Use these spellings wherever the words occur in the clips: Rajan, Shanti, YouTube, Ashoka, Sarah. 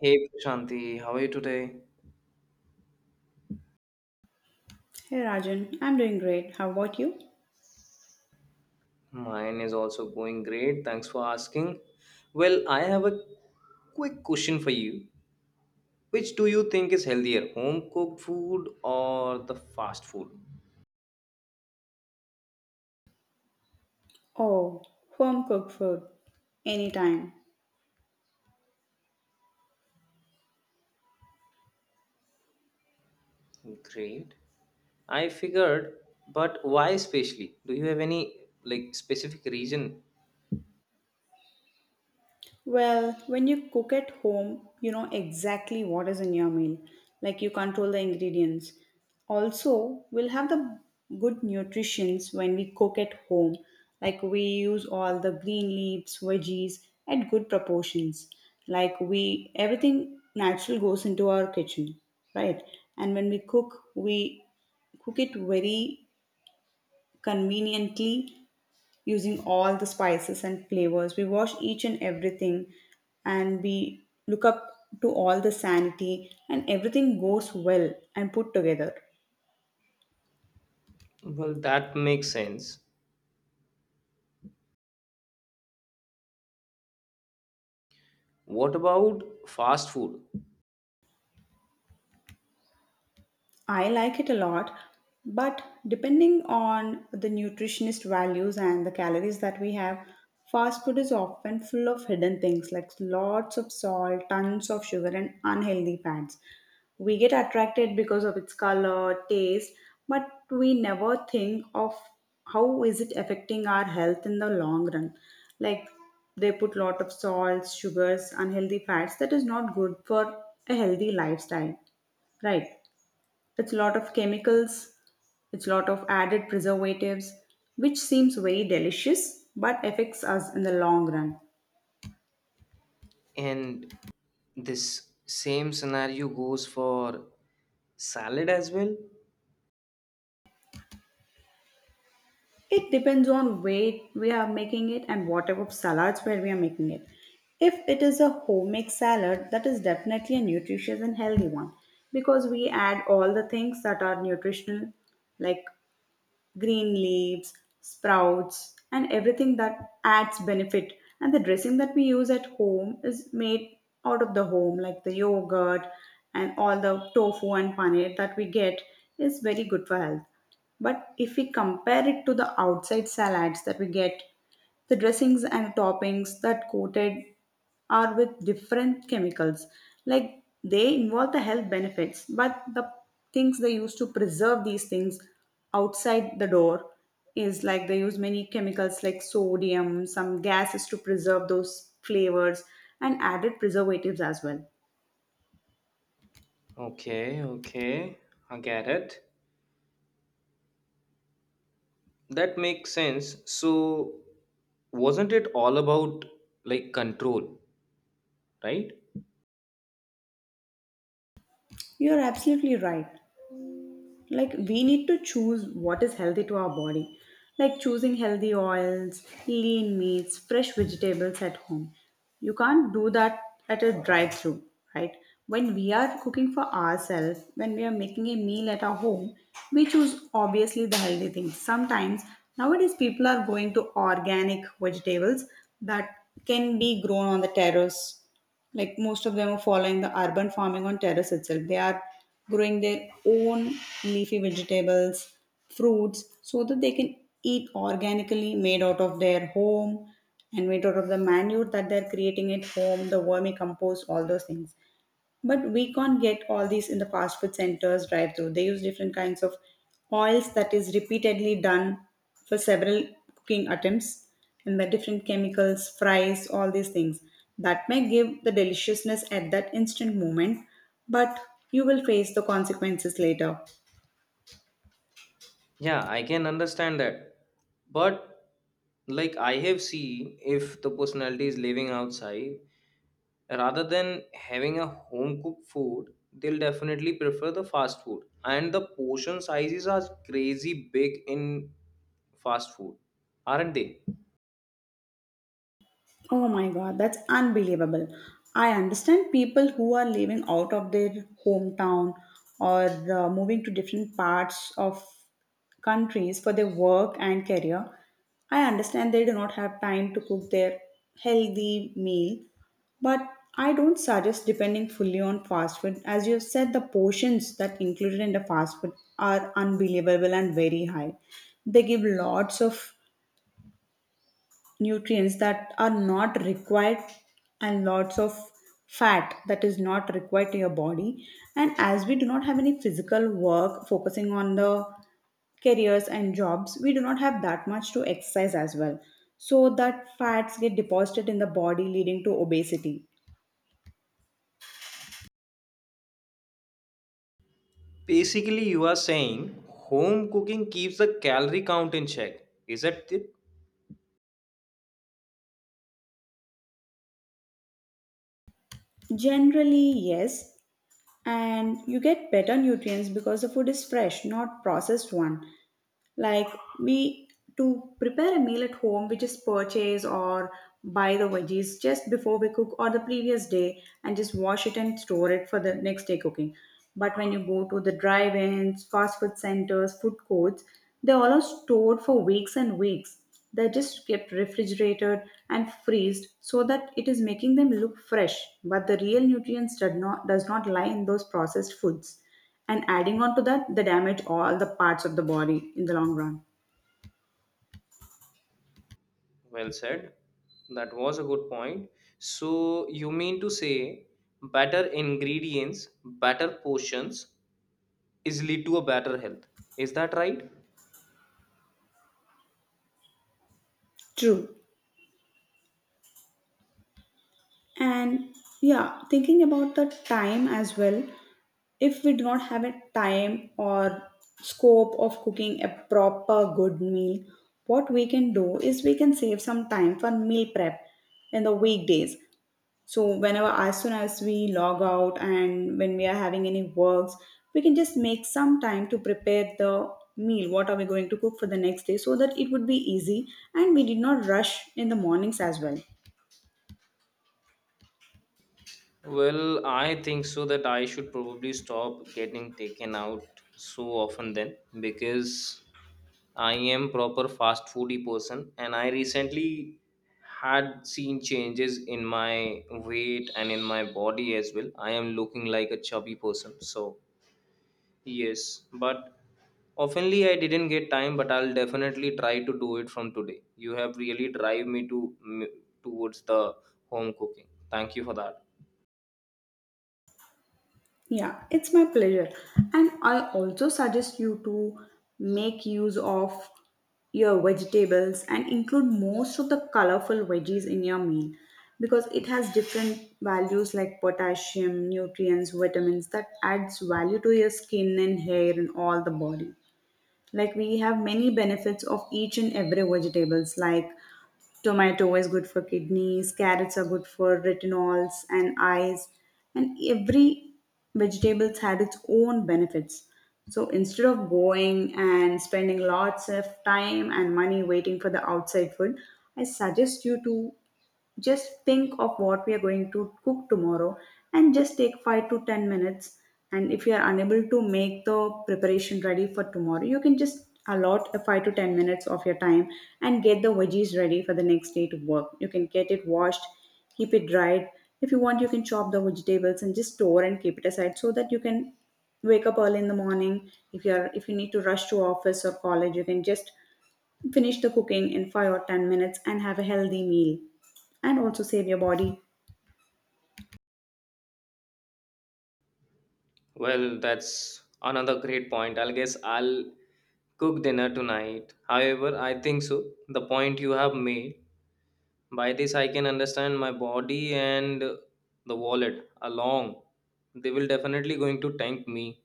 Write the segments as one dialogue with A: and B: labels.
A: Hey Shanti, how are you today?
B: Hey Rajan, I'm doing great. How about you?
A: Mine is also going great. Thanks for asking. Well, I have a quick question for you. Which do you think is healthier, home cooked food or the fast food?
B: Oh, home cooked food. Anytime.
A: Great. I figured, but why especially? Do you have any like specific reason?
B: Well, when you cook at home, you know exactly what is in your meal. Like you control the ingredients. Also, we'll have the good nutritions when we cook at home. Like we use all the green leaves, veggies at good proportions. Like we everything natural goes into our kitchen, right? And when we cook it very conveniently using all the spices and flavors. We wash each and everything and we look up to all the sanity and everything goes well and put together.
A: Well, that makes sense. What about fast food?
B: I like it a lot, but depending on the nutritionist values and the calories that we have, fast food is often full of hidden things like lots of salt, tons of sugar, and unhealthy fats. We get attracted because of its color, taste, but we never think of how is it affecting our health in the long run. Like they put lot of salts, sugars, unhealthy fats that is not good for a healthy lifestyle, right? It's a lot of chemicals, it's a lot of added preservatives, which seems very delicious but affects us in the long run.
A: And this same scenario goes for salad as well?
B: It depends on where we are making it and what type of salads where we are making it. If it is a homemade salad, that is definitely a nutritious and healthy one because we add all the things that are nutritional, like green leaves, sprouts, and everything that adds benefit. And the dressing that we use at home is made out of the home, like the yogurt and all the tofu and paneer that we get is very good for health. But if we compare it to the outside salads that we get, the dressings and toppings that coated or with different chemicals. Like they involve the health benefits, but the things they use to preserve these things outside the door is like they use many chemicals like sodium, some gases to preserve those flavors, and added preservatives as well.
A: Okay, okay. I get it. That makes sense. So, wasn't it all about like control, right?
B: You're absolutely right. Like we need to choose what is healthy to our body, like choosing healthy oils, lean meats, fresh vegetables at home. You can't do that at a drive through, right? When we are cooking for ourselves, when we are making a meal at our home, we choose obviously the healthy things. Sometimes nowadays people are going to organic vegetables that can be grown on the terrace. Like most of them are following the urban farming on terrace itself. They are growing their own leafy vegetables, fruits, so that they can eat organically made out of their home and made out of the manure that they're creating at home, the vermicompost, all those things. But we can't get all these in the fast food centers, drive through. They use different kinds of oils that is repeatedly done for several cooking attempts, and the different chemicals, fries, all these things. That may give the deliciousness at that instant moment, but you will face the consequences later.
A: Yeah, I can understand that. But like I have seen if the personality is living outside rather than having a home cooked food, they'll definitely prefer the fast food. And the portion sizes are crazy big in fast food, aren't they?
B: Oh my god, that's unbelievable. I understand people who are living out of their hometown or moving to different parts of countries for their work and career. I understand they do not have time to cook their healthy meal, but I don't suggest depending fully on fast food. As you've said, the portions that included in the fast food are unbelievable and very high. They give lots of nutrients that are not required and lots of fat that is not required to your body. And as we do not have any physical work, focusing on the careers and jobs, we do not have that much to exercise as well, so that fats get deposited in the body, leading to obesity.
A: Basically, you are saying home cooking keeps the calorie count in check. Is that it?
B: Generally, yes. And you get better nutrients because the food is fresh, not processed one. Like, we, to prepare a meal at home, we just purchase or buy the veggies just before we cook or the previous day and just wash it and store it for the next day cooking. But when you go to the drive-ins, fast food centers, food courts, they're all stored for weeks and weeks. They're just kept refrigerated and freezed so that it is making them look fresh, but the real nutrients does not lie in those processed foods. And adding on to that, they damage all the parts of the body in the long run.
A: Well said. That was a good point. So, you mean to say better ingredients, better portions is lead to a better health. Is that right?
B: True. And yeah, thinking about the time as well, if we do not have a time or scope of cooking a proper good meal, what we can do is we can save some time for meal prep in the weekdays. So whenever, as soon as we log out and when we are having any works, we can just make some time to prepare the meal, what are we going to cook for the next day, so that it would be easy and we did not rush in the mornings as well.
A: Well, I think so that I should probably stop getting taken out so often then because I am proper fast foodie person and I recently had seen changes in my weight and in my body as well. I am looking like a chubby person. So, yes, but oftenly I didn't get time but I'll definitely try to do it from today. You have really drive me to towards the home cooking. Thank you for that.
B: Yeah, it's my pleasure. And I also suggest you to make use of your vegetables and include most of the colorful veggies in your meal because it has different values like potassium, nutrients, vitamins that adds value to your skin and hair and all the body. Like we have many benefits of each and every vegetables. Like tomato is good for kidneys, carrots are good for retinols and eyes, and every vegetables had its own benefits. So instead of going and spending lots of time and money waiting for the outside food, I suggest you to just think of what we are going to cook tomorrow and just take 5 to 10 minutes. And if you are unable to make the preparation ready for tomorrow, you can just allot a 5 to 10 minutes of your time and get the veggies ready for the next day to work. You can get it washed, keep it dried. If you want, you can chop the vegetables and just store and keep it aside so that you can wake up early in the morning. If you are, if you need to rush to office or college, you can just finish the cooking in 5 or 10 minutes and have a healthy meal. And also save your body.
A: Well, that's another great point. I guess I'll cook dinner tonight. However, I think so. The point you have made. By this, I can understand my body and the wallet along. They will definitely going to thank me.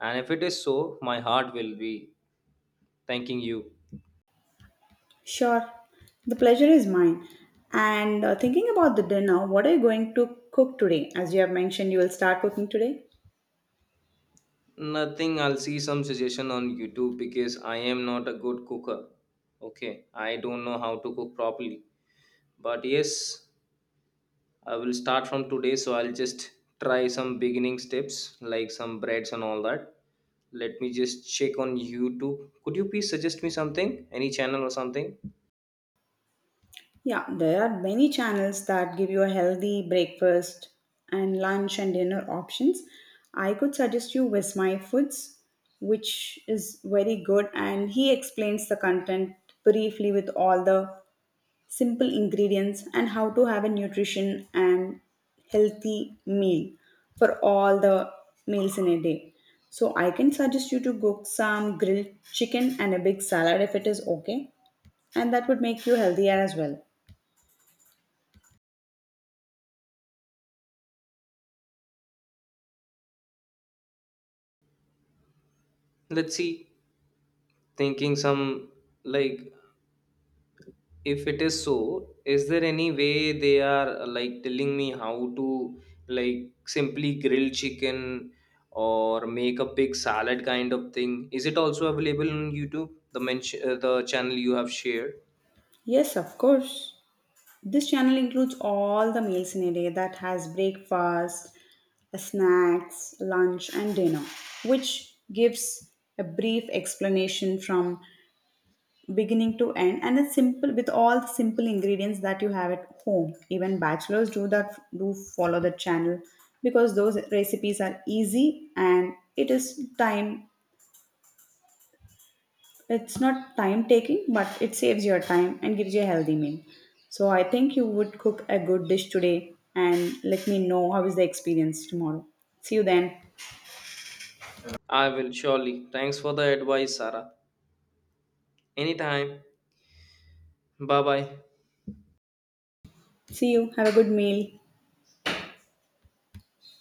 A: And if it is so, my heart will be thanking you.
B: Sure, the pleasure is mine. And thinking about the dinner, what are you going to cook today? As you have mentioned, you will start cooking today.
A: Nothing. I'll see some suggestion on YouTube because I am not a good cooker. Okay, I don't know how to cook properly. But yes, I will start from today, so I'll just try some beginning steps like some breads and all that. Let me just check on YouTube. Could you please suggest me something? Any channel or something?
B: Yeah, there are many channels that give you a healthy breakfast and lunch and dinner options. I could suggest you with my foods, which is very good, and he explains the content briefly with all the simple ingredients and how to have a nutrition and healthy meal for all the meals in a day. So I can suggest you to cook some grilled chicken and a big salad if it is okay, and that would make you healthier as well.
A: Let's see. Thinking some like if it is so, is there any way they are like telling me how to like simply grill chicken or make a big salad kind of thing? Is it also available on YouTube? The mention the channel you have shared?
B: Yes, of course. This channel includes all the meals in a day that has breakfast, snacks, lunch, and dinner, which gives a brief explanation from beginning to end, and it's simple with all the simple ingredients that you have at home. Even bachelors do that, do follow the channel because those recipes are easy and it is time, it's not time taking, but it saves your time and gives you a healthy meal. So I think you would cook a good dish today, and let me know how is the experience tomorrow. See you then.
A: I will surely. Thanks for the advice, Sarah. Anytime. Bye bye.
B: See you, have a good meal.